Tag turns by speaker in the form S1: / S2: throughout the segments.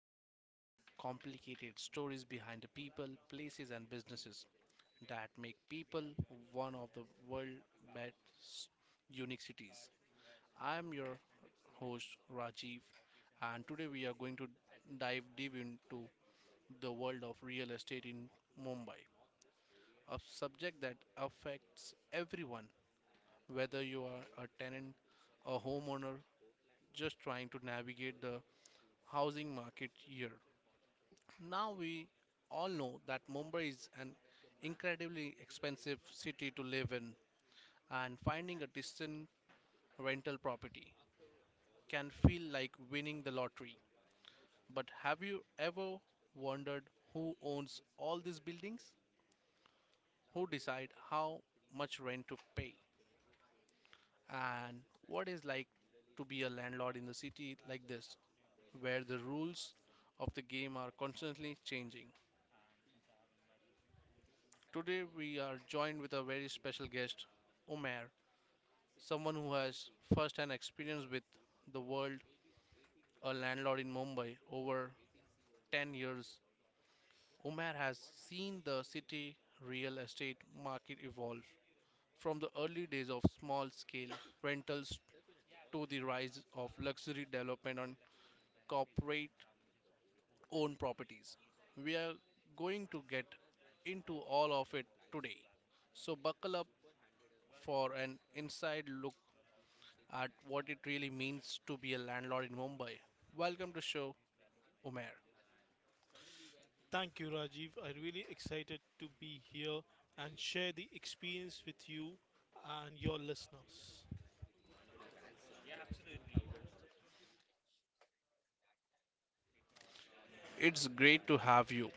S1: often complicated stories behind the people, places, and businesses that make people one of the world's best unique cities. I am your host Rajiv, and today we are going to dive deep into the world of real estate in Mumbai, a subject that affects everyone. Whether you are a tenant, a homeowner, just trying to navigate the housing market here. Now we all know that Mumbai is an incredibly expensive city to live in, and finding a decent rental property can feel like winning the lottery. But have you ever wondered who owns all these buildings? Who decide how much rent to pay? And what is like to be a landlord in the city like this, where the rules of the game are constantly changing? Today, we are joined with a very special guest, Omer, someone who has first hand experience with the world, a landlord in Mumbai over 10 years. Omer has seen the city real estate market evolve from the early days of small scale rentals to the rise of luxury development on corporate own properties. We are going to get into all of it today. So, buckle up for an inside look at what it really means to be a landlord in Mumbai. Welcome to show Umair.
S2: Thank you, Rajiv. I'm really excited to be here and share the experience with you and your listeners.
S1: It's great to have you.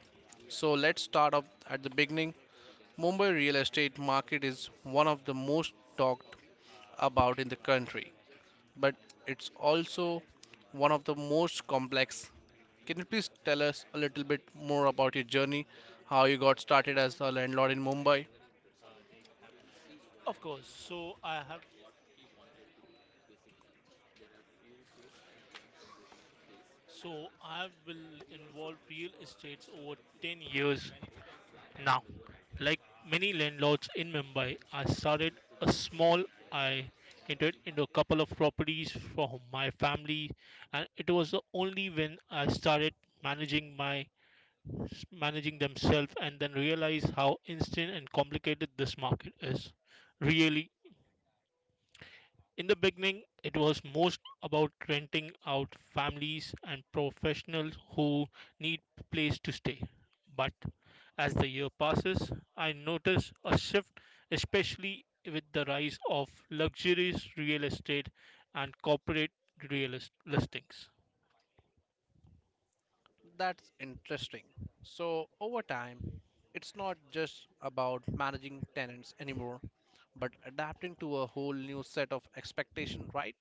S1: So, let's start off at the beginning. Mumbai real estate market is one of the most talked about in the country, but it's also one of the most complex. Can you please tell us a little bit more about your journey, how you got started as a landlord in Mumbai?
S2: Of course. So I will involve real estates over 10 years now. Like many landlords in Mumbai, I started a small I entered into a couple of properties from my family, and it was the only when I started managing my managing themselves and then realize how instant and complicated this market is. Really, in the beginning, it was most about renting out families and professionals who need place to stay. But as the year passes, I notice a shift, especially with the rise of luxurious real estate and corporate listings.
S1: That's interesting. So, over time, it's not just about managing tenants anymore, but adapting to a whole new set of expectation, right?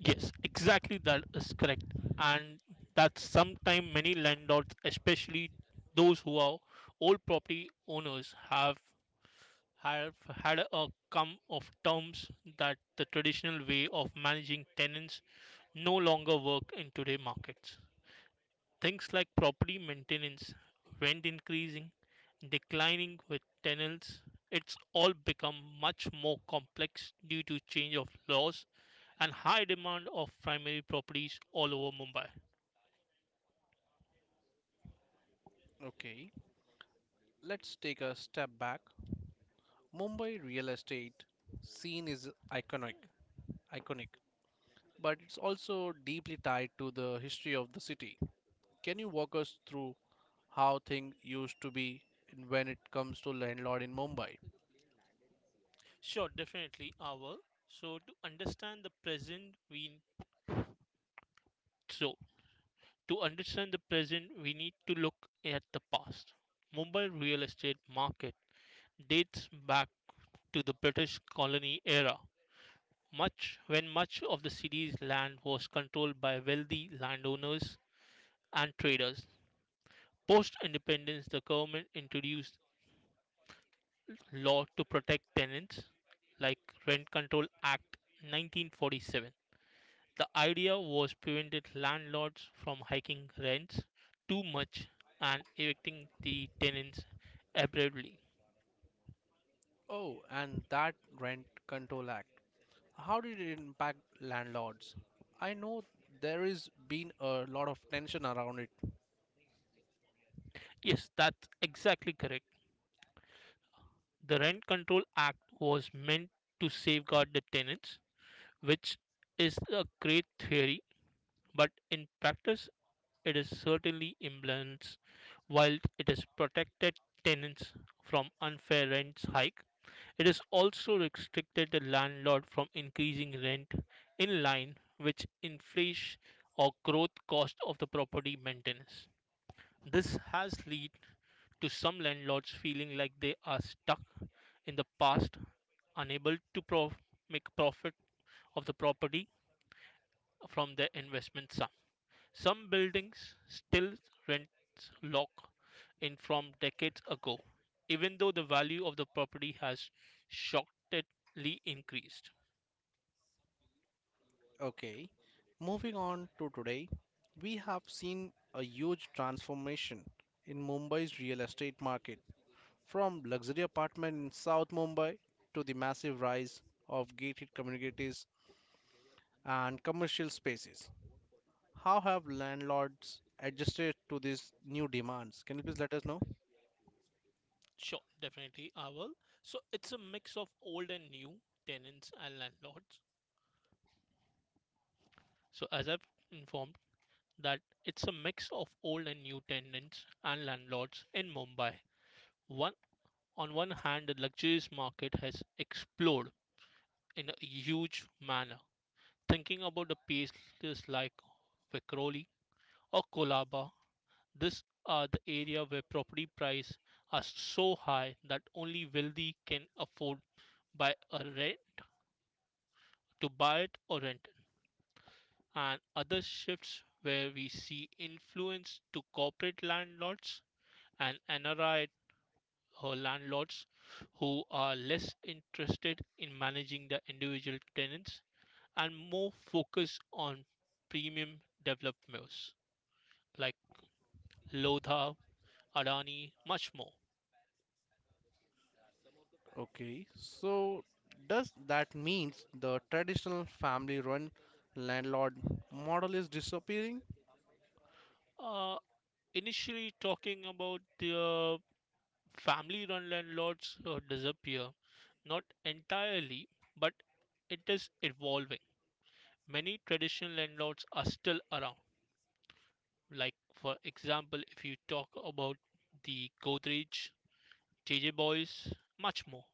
S2: Yes, exactly that is correct. And that's sometimes many landlords, especially those who are old property owners, have had a come of terms that the traditional way of managing tenants no longer work in today's markets. Things like property maintenance, rent increasing, declining with tenants, it's all become much more complex due to change of laws and high demand of primary properties all over Mumbai.
S1: Okay, let's take a step back. Mumbai real estate scene is iconic, but it's also deeply tied to the history of the city. Can you walk us through how things used to be when it comes to landlord in Mumbai?
S2: Sure, definitely, our. So to understand the present, we so to understand the present, we need to look at the past. Mumbai real estate market dates back to the British colony era, much when much of the city's land was controlled by wealthy landowners and traders. Post independence, the government introduced law to protect tenants, like Rent Control Act 1947. The idea was prevented landlords from hiking rents too much and evicting the tenants abruptly.
S1: Oh, and that Rent Control Act. How did it impact landlords? I know there is been a lot of tension around it.
S2: Yes, that's exactly correct. The Rent Control Act was meant to safeguard the tenants, which is a great theory, but in practice, it is certainly imbalance while it has protected tenants from unfair rent hike. It is also restricted the landlord from increasing rent in line with inflation or growth cost of the property maintenance. This has led to some landlords feeling like they are stuck in the past, unable to make profit of the property from their investment sum. Some buildings still rents lock in from decades ago, even though the value of the property has shockingly increased.
S1: Okay, moving on to today, we have seen a huge transformation in Mumbai's real estate market from luxury apartment in South Mumbai to the massive rise of gated communities and commercial spaces. How have landlords adjusted to these new demands? Can you please let us know?
S2: Sure, definitely I will. So it's a mix of old and new tenants and landlords. So as I've informed that it's a mix of old and new tenants and landlords in Mumbai. One On one hand, the luxurious market has exploded in a huge manner. Thinking about the places like Vikroli or Kolaba, this are the area where property prices are so high that only wealthy can afford buy a rent to buy it or rent, and other shifts where we see influence to corporate landlords and NRI landlords who are less interested in managing the individual tenants and more focus on premium developers like Lodha, Adani, much more.
S1: Okay, so does that means the traditional family-run landlord model is disappearing?
S2: Uh, Initially talking about the family run landlords disappear, not entirely, but it is evolving. Many traditional landlords are still around. Like, for example, if you talk about the Godrej, J J Boys, much more.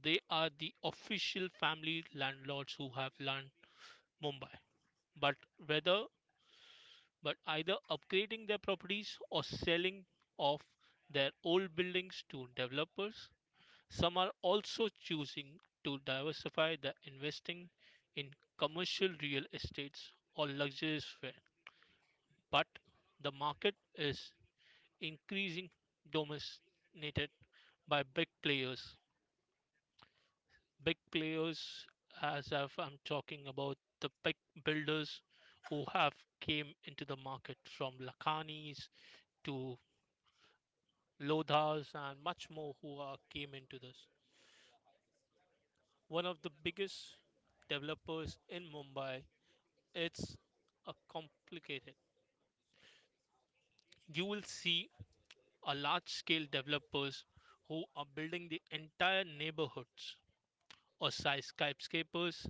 S2: They are the official family landlords who have land Mumbai. But whether but either upgrading their properties or selling off their old buildings to developers, some are also choosing to diversify their investing in commercial real estates or luxurious fare. But the market is increasing dominated by big players. Big players, as if I'm talking about the big builders who have came into the market from Lakhanis to Lodhas and much more who are came into this. One of the biggest developers in Mumbai, it's a complicated. You will see a large scale developers who are building the entire neighborhoods or skyscrapers,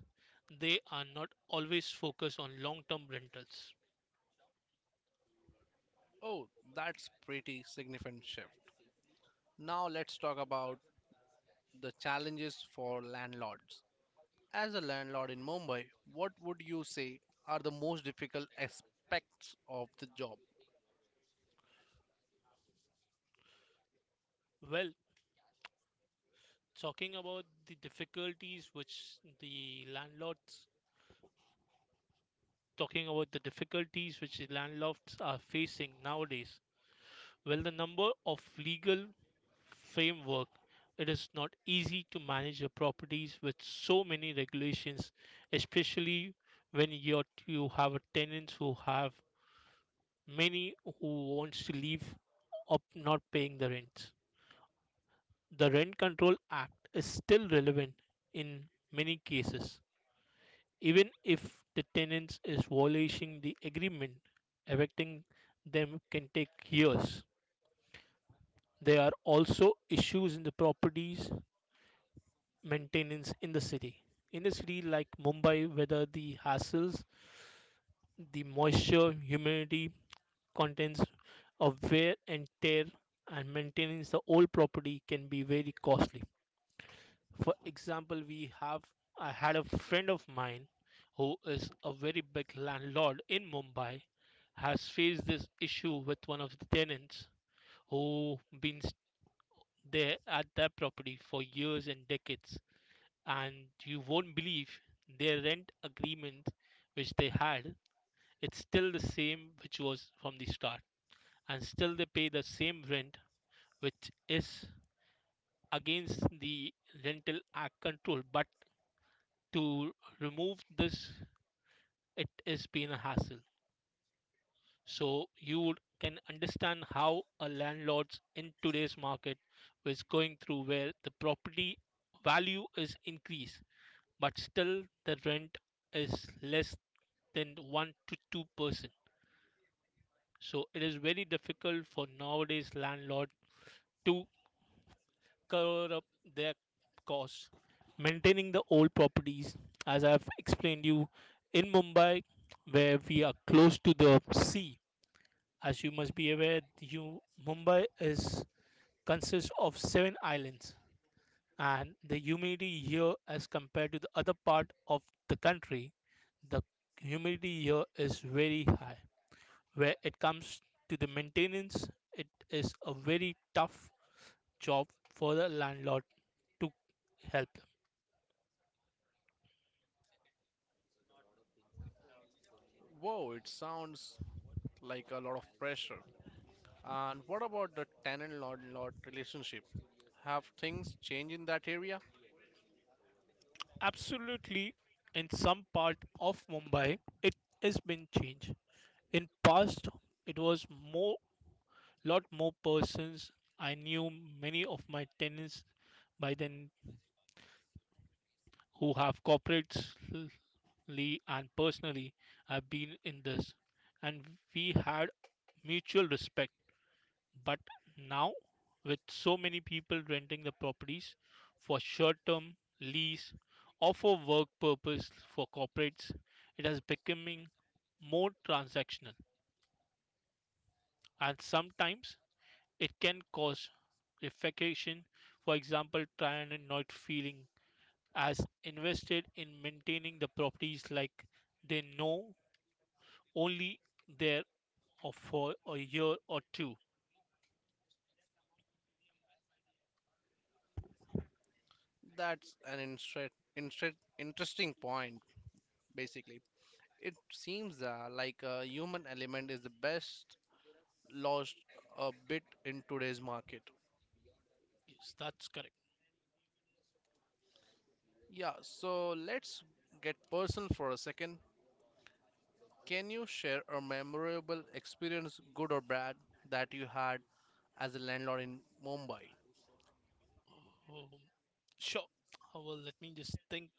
S2: they are not always focused on long term rentals.
S1: Oh, that's pretty significant shift. Now let's talk about the challenges for landlords. As a landlord in Mumbai, what would you say are the most difficult aspects of the job?
S2: Well, talking about the difficulties which the landlords talking about the difficulties which the landlords are facing nowadays. Well, the number of legal framework it is not easy to manage your properties with so many regulations, especially when you have a tenants who have many who wants to leave up not paying the rents. The Rent Control Act is still relevant in many cases, even if the tenant is violating the agreement, evicting them can take years. There are also issues in the properties maintenance in the city. In a city like Mumbai, whether the hassles, the moisture, humidity, contains a wear and tear, and maintaining the old property can be very costly. For example, we have I had a friend of mine who is a very big landlord in Mumbai, has faced this issue with one of the tenants who been there at their property for years and decades, and you won't believe their rent agreement which they had, it's still the same which was from the start, and still they pay the same rent, which is against the rental act control, but to remove this it is been a hassle. So you can understand how a landlord's in today's market is going through where the property value is increased, but still the rent is less than 1 to 2%, so it is very difficult for nowadays landlord to cover up their costs. Maintaining the old properties, as I've explained you, in Mumbai, where we are close to the sea, as you must be aware, Mumbai is consists of seven islands, and the humidity here, as compared to the other part of the country, the humidity here is very high. Where it comes to the maintenance, it is a very tough job for the landlord to help.
S1: Whoa, it sounds like a lot of pressure. And what about the tenant landlord relationship? Have things changed in that area?
S2: Absolutely, in some part of Mumbai, it has been changed. In past, it was more, lot more persons. I knew many of my tenants by then who have corporately and personally have been in this, and we had mutual respect. But now, with so many people renting the properties for short term lease or for work purpose for corporates, it has becoming more transactional, and sometimes it can cause defecation. For example, tenant not feeling as invested in maintaining the properties like they know only there or for a year or two.
S1: That's an interesting point, basically. It seems like a human element is the best lost a bit in today's market.
S2: Yes, that's correct.
S1: Yeah, so let's get personal for a second. Can you share a memorable experience, good or bad, that you had as a landlord in Mumbai?
S2: Oh, sure. Well, let me just think.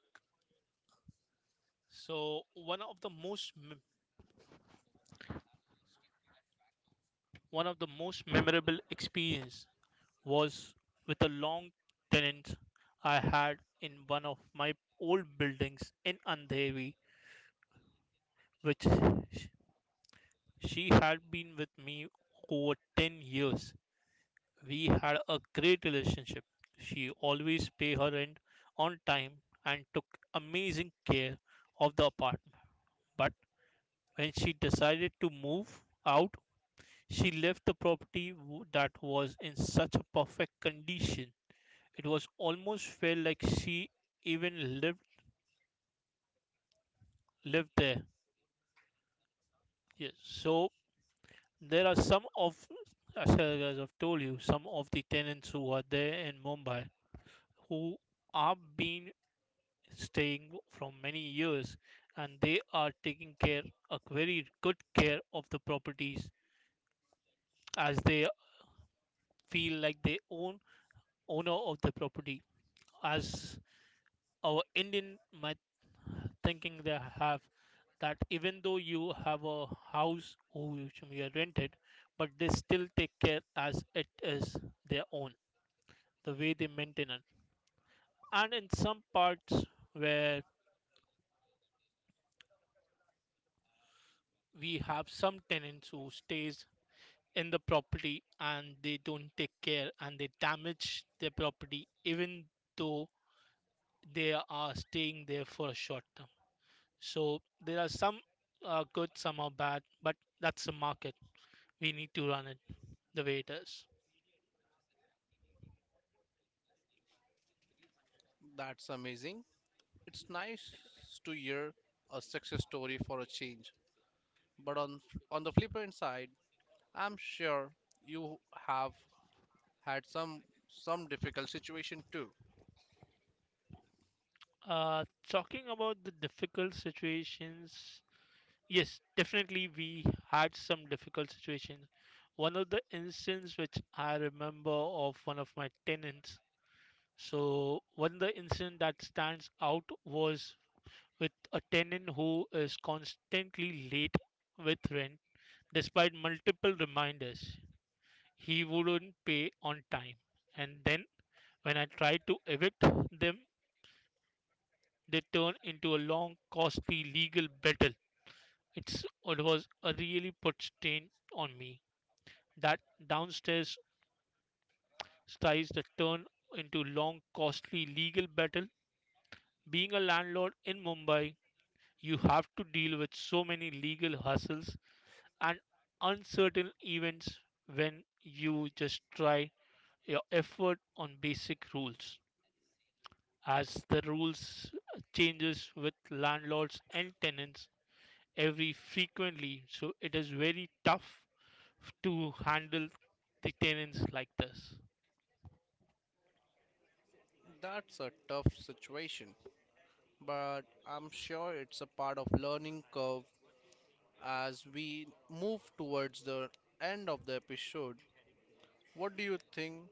S2: So one of the most memorable experience was with a long tenant I had in one of my old buildings in Andheri, which sh- she had been with me over 10 years. We had a great relationship. She always paid her rent on time and took amazing care of the apartment. But when she decided to move out, she left the property that was in such a perfect condition. It was almost felt like she even lived there. Yes. So there are some of, as I guys have told you, some of the tenants who are there in Mumbai who are been staying from many years, and they are taking care a very good care of the properties, as they feel like they owner of the property, as our Indian might thinking they have, that even though you have a house which you are rented, but they still take care as it is their own, the way they maintain it. And in some parts where we have some tenants who stays in the property and they don't take care and they damage their property even though they are staying there for a short term. So there are some good, some are bad, but that's the market we need to run it the way it is.
S1: That's amazing. It's nice to hear a success story for a change, but on the flip side, I'm sure you have had some difficult situation too.
S2: Talking about the difficult situations, yes, definitely we had some difficult situations. One of the incidents which I remember of one of my tenants. So one of the incident that stands out was with a tenant who is constantly late with rent despite multiple reminders. He wouldn't pay on time, and then when I tried to evict them, they turned into a long, costly legal battle. It was a really put stain on me. That downstairs ties that turned into long, costly legal battle. Being a landlord in Mumbai, you have to deal with so many legal hassles and uncertain events when you just try your effort on basic rules, as the rules changes with landlords and tenants every frequently, so it is very tough to handle the tenants like this.
S1: That's a tough situation, but I'm sure it's a part of learning curve as we move towards the end of the episode. What do you think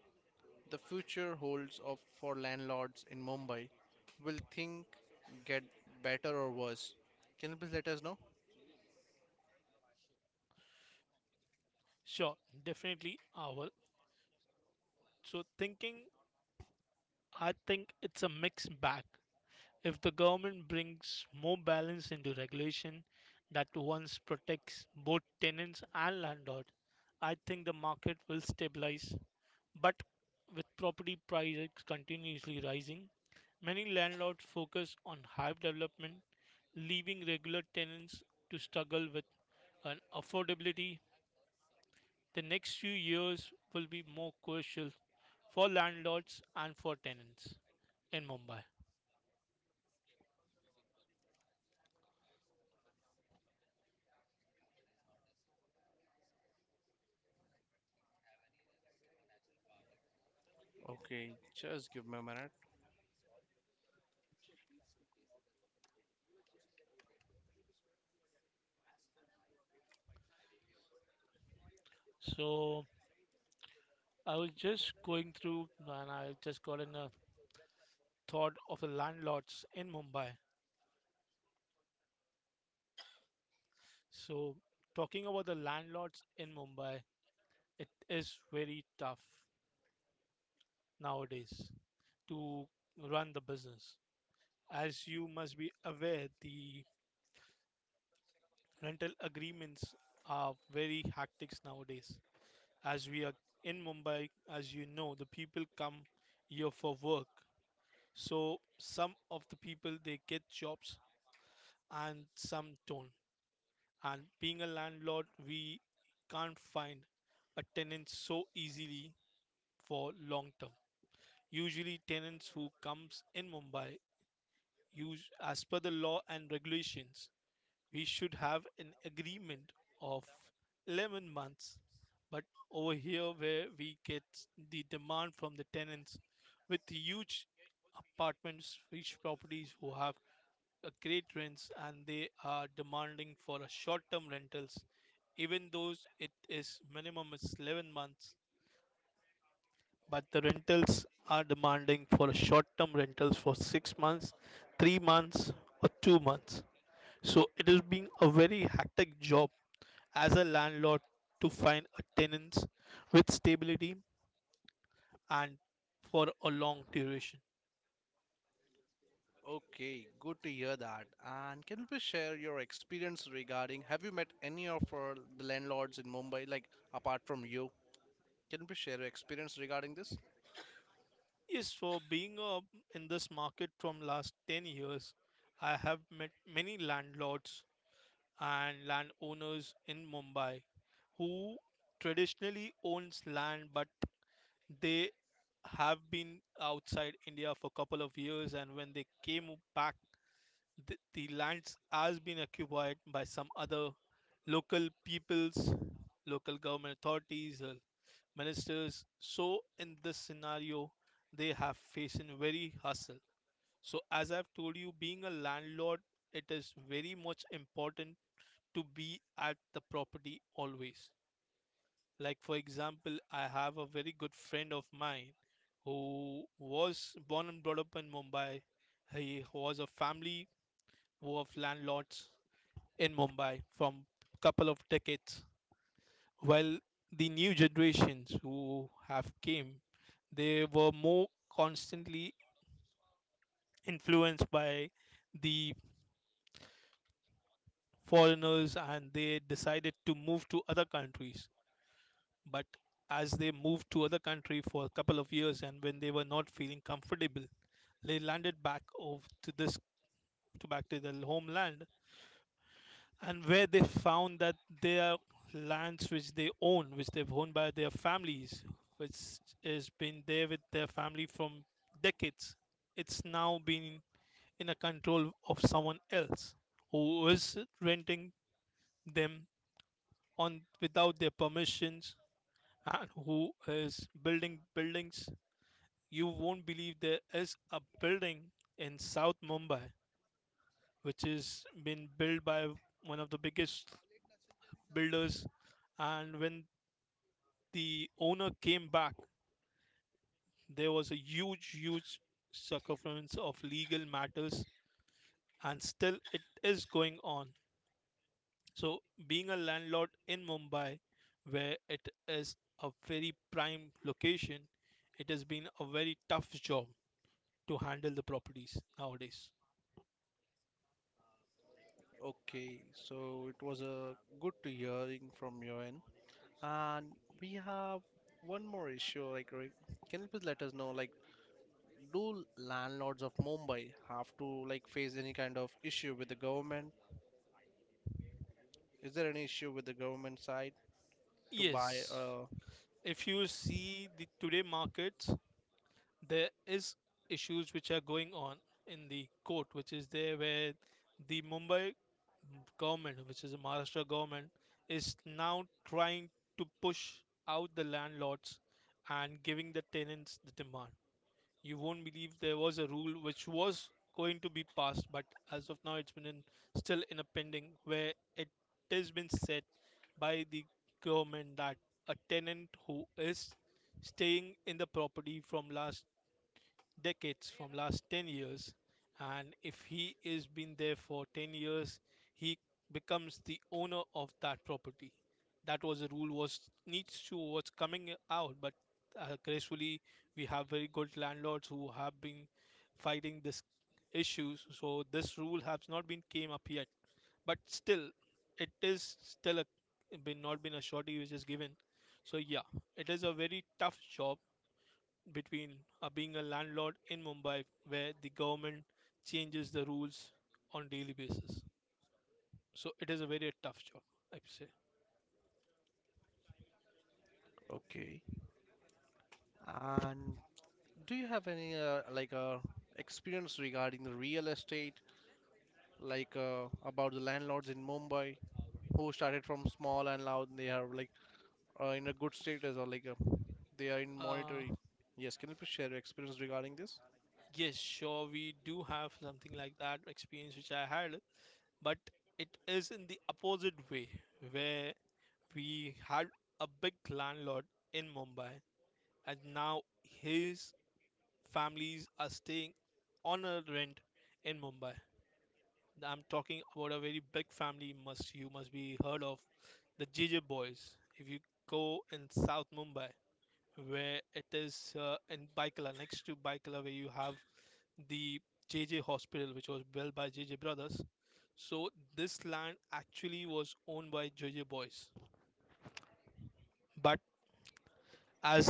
S1: the future holds of for landlords in Mumbai? Will things get better or worse? Can you please let us know?
S2: Sure, definitely. I will. So thinking, I think it's a mixed bag. If the government brings more balance into regulation that once protects both tenants and landlord, I think the market will stabilize. But with property prices continuously rising, many landlords focus on high development, leaving regular tenants to struggle with an affordability. The next few years will be more crucial for landlords and for tenants in Mumbai.
S1: Okay, just give me a minute.
S2: So I was just going through and I just got in a thought of the landlords in Mumbai. So talking about the landlords in Mumbai, it is very tough nowadays to run the business. As you must be aware, the rental agreements are very hectic nowadays. As we are in Mumbai, as you know, the people come here for work. So some of the people, they get jobs and some don't. And being a landlord, we can't find a tenant so easily for long term. Usually tenants who comes in Mumbai, use as per the law and regulations, we should have an agreement of 11 months, but over here where we get the demand from the tenants with huge apartments, huge properties who have a great rents, and they are demanding for a short-term rentals, even though it is minimum is 11 months, but the rentals are demanding for a short-term rentals for 6 months, 3 months, or 2 months. So it has been a very hectic job as a landlord to find a tenants with stability and for a long duration.
S1: Okay, good to hear that. And can you please share your experience regarding have you met any of the landlords in Mumbai, like apart from you? Can you please share your experience regarding this?
S2: Yes, for being in this market from last 10 years, I have met many landlords and landowners in Mumbai who traditionally owns land, but they have been outside India for a couple of years, and when they came back, the lands has been occupied by some other local peoples, local government authorities, ministers. So in this scenario, they have facing very hassle. So as I've told you, being a landlord, it is very much important to be at the property always. Like for example, I have a very good friend of mine who was born and brought up in Mumbai. He was a family of landlords in Mumbai from couple of decades. While the new generations who have came, they were more constantly influenced by the foreigners, and they decided to move to other countries. But as they moved to other country for a couple of years, and when they were not feeling comfortable, they landed back of to this, to back to their homeland, and where they found that their lands, which they own, which they've owned by their families, which has been there with their family from decades, it's now been in a control of someone else who is renting them on without their permissions and who is building buildings. You won't believe there is a building in south mumbai which is been built by one of the biggest builders. And when the owner came back, there was a huge circumference of legal matters, and still it is going on. So, being a landlord in Mumbai, where it is a very prime location, it has been a very tough job to handle the properties nowadays.
S1: Okay, so it was a good to hearing from your end. And we have one more issue. Like, can you please let us know, like, do landlords of Mumbai have to like face any kind of issue with the government? Is there any issue with the government side to buy
S2: Yes, if you see the today markets, there is issues which are going on in the court, which is there where the Mumbai government, which is the Maharashtra government, is now trying to push out the landlords and giving the tenants the demand. You won't believe there was a rule which was going to be passed, but as of now, it's been in, still in a pending, where it has been said by the government that a tenant who is staying in the property from last decades, from last 10 years, and if he is been there for 10 years, he becomes the owner of that property. That was a rule was needs to was coming out, but gracefully we have very good landlords who have been fighting this issues, so this rule has not been came up yet. But still it is still a been not been a shorty which is given. So yeah, it is a very tough job between being a landlord in Mumbai where the government changes the rules on daily basis. So it is a very tough job, I would say.
S1: okay. And do you have any like experience regarding the real estate, like about the landlords in Mumbai who started from small and loud, and they are like in a good status or like they are in
S2: Uh,
S1: monetary. Yes, can you please share your experience regarding this?
S2: yes, sure, we do have something like that experience which I had, but it is in the opposite way where we had a big landlord in Mumbai and now his families are staying on a rent in Mumbai. I'm talking about a very big family, must you must be heard of the J J Boys. If you go in South Mumbai, where it is in Baikala, next to Baikala, where you have the J J Hospital, which was built by J J Brothers. So this land actually was owned by J J Boys, but as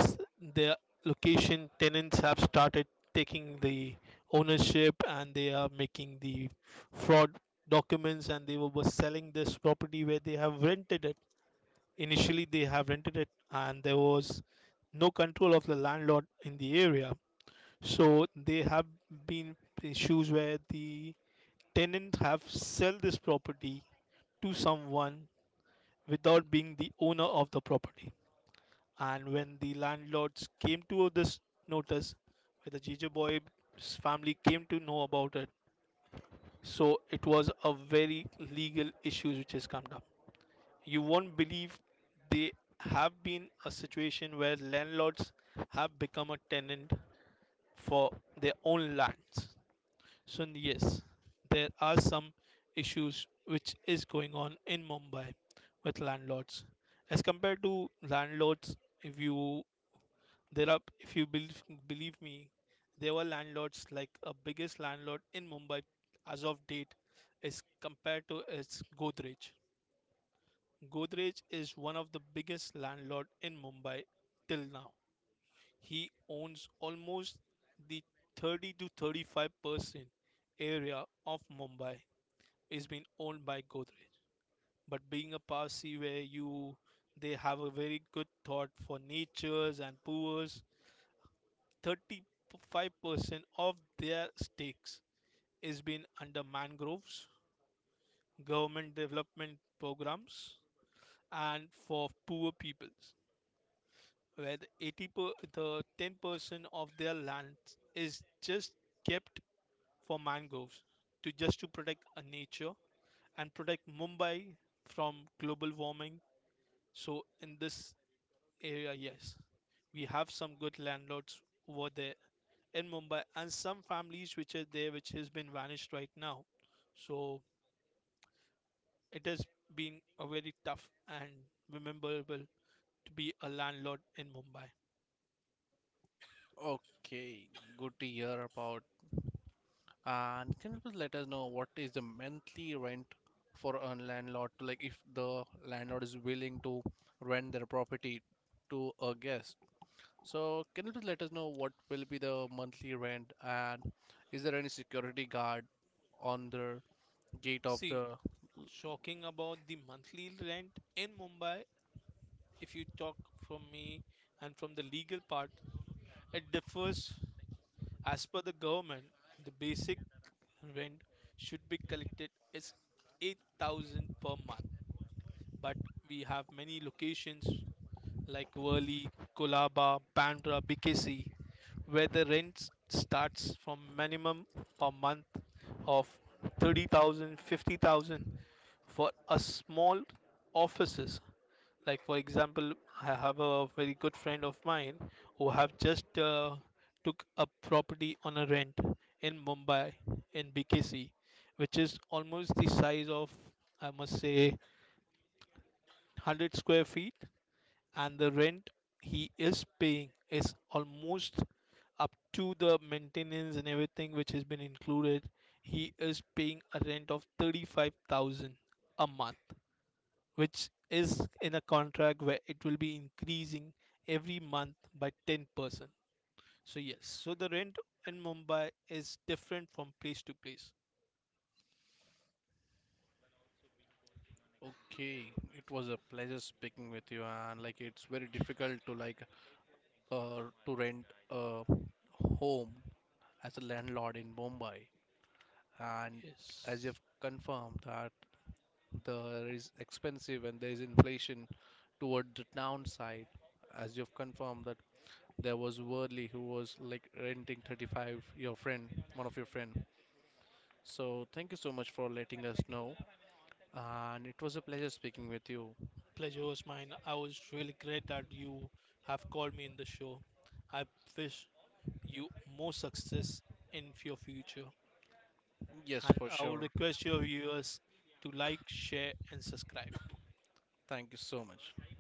S2: the location tenants have started taking the ownership and they are making the fraud documents, and they were selling this property where they have rented it. Initially they have rented it and there was no control of the landlord in the area, so they have been issues where the tenant have sell this property to someone without being the owner of the property. And when the landlords came to this notice, the Jeju boy's family came to know about it. So it was a very legal issue which has come up. You won't believe they have been a situation where landlords have become a tenant for their own lands. So yes, there are some issues which is going on in Mumbai with landlords as compared to landlords if you. There are, if you believe, me, there were landlords like a biggest landlord in Mumbai as of date is compared to its Godrej. Godrej is one of the biggest landlord in Mumbai till now. He owns almost the 30 to 35% area of Mumbai is being owned by Godrej. But being a Parsi where you, they have a very good thought for natures and poor, 35% of their stakes is being under mangroves, government development programs, and for poor peoples, where the 80 per, the 10% of their land is just kept for mangroves to just to protect a nature and protect Mumbai from global warming. So in this area, yes, we have some good landlords over there in Mumbai, and some families which are there which has been vanished right now. So it has been a very tough and memorable to be a landlord in Mumbai.
S1: Okay, good to hear about. And can you please let us know what is the monthly rent for a landlord? Like if the landlord is willing to rent their property to a guest. So, can you please let us know what will be the monthly rent and is there any security guard on the gate of
S2: See,
S1: the
S2: talking about the monthly rent in Mumbai, if you talk from me and from the legal part, it differs as per the government. The basic rent should be collected is 8,000 per month. But we have many locations like Worli, Kolaba, Bandra, BKC, where the rent starts from minimum per month of 30,000, 50,000 for a small offices. Like for example, I have a very good friend of mine who have just took a property on a rent in Mumbai in BKC, which is almost the size of, I must say, 100 square feet, and the rent he is paying is almost, up to the maintenance and everything which has been included, he is paying a rent of 35,000 a month, which is in a contract where it will be increasing every month by 10%. So yes, so the rent in mumbai is different from place to place.
S1: okay, it was a pleasure speaking with you and like it's very difficult to like to rent a home as a landlord in Mumbai and as
S2: Yes,
S1: you've confirmed that there is expensive and there is inflation toward the downside as you've confirmed that there was Worley who was like renting 35 your friend one of your friend. So thank you so much for letting us know and it was a pleasure speaking with you.
S2: pleasure was mine. I was really great that you have called me in the show. I wish you more success in your future.
S1: Yes,
S2: And
S1: for
S2: I will
S1: sure,
S2: request your viewers to like, share, and subscribe.
S1: thank you so much.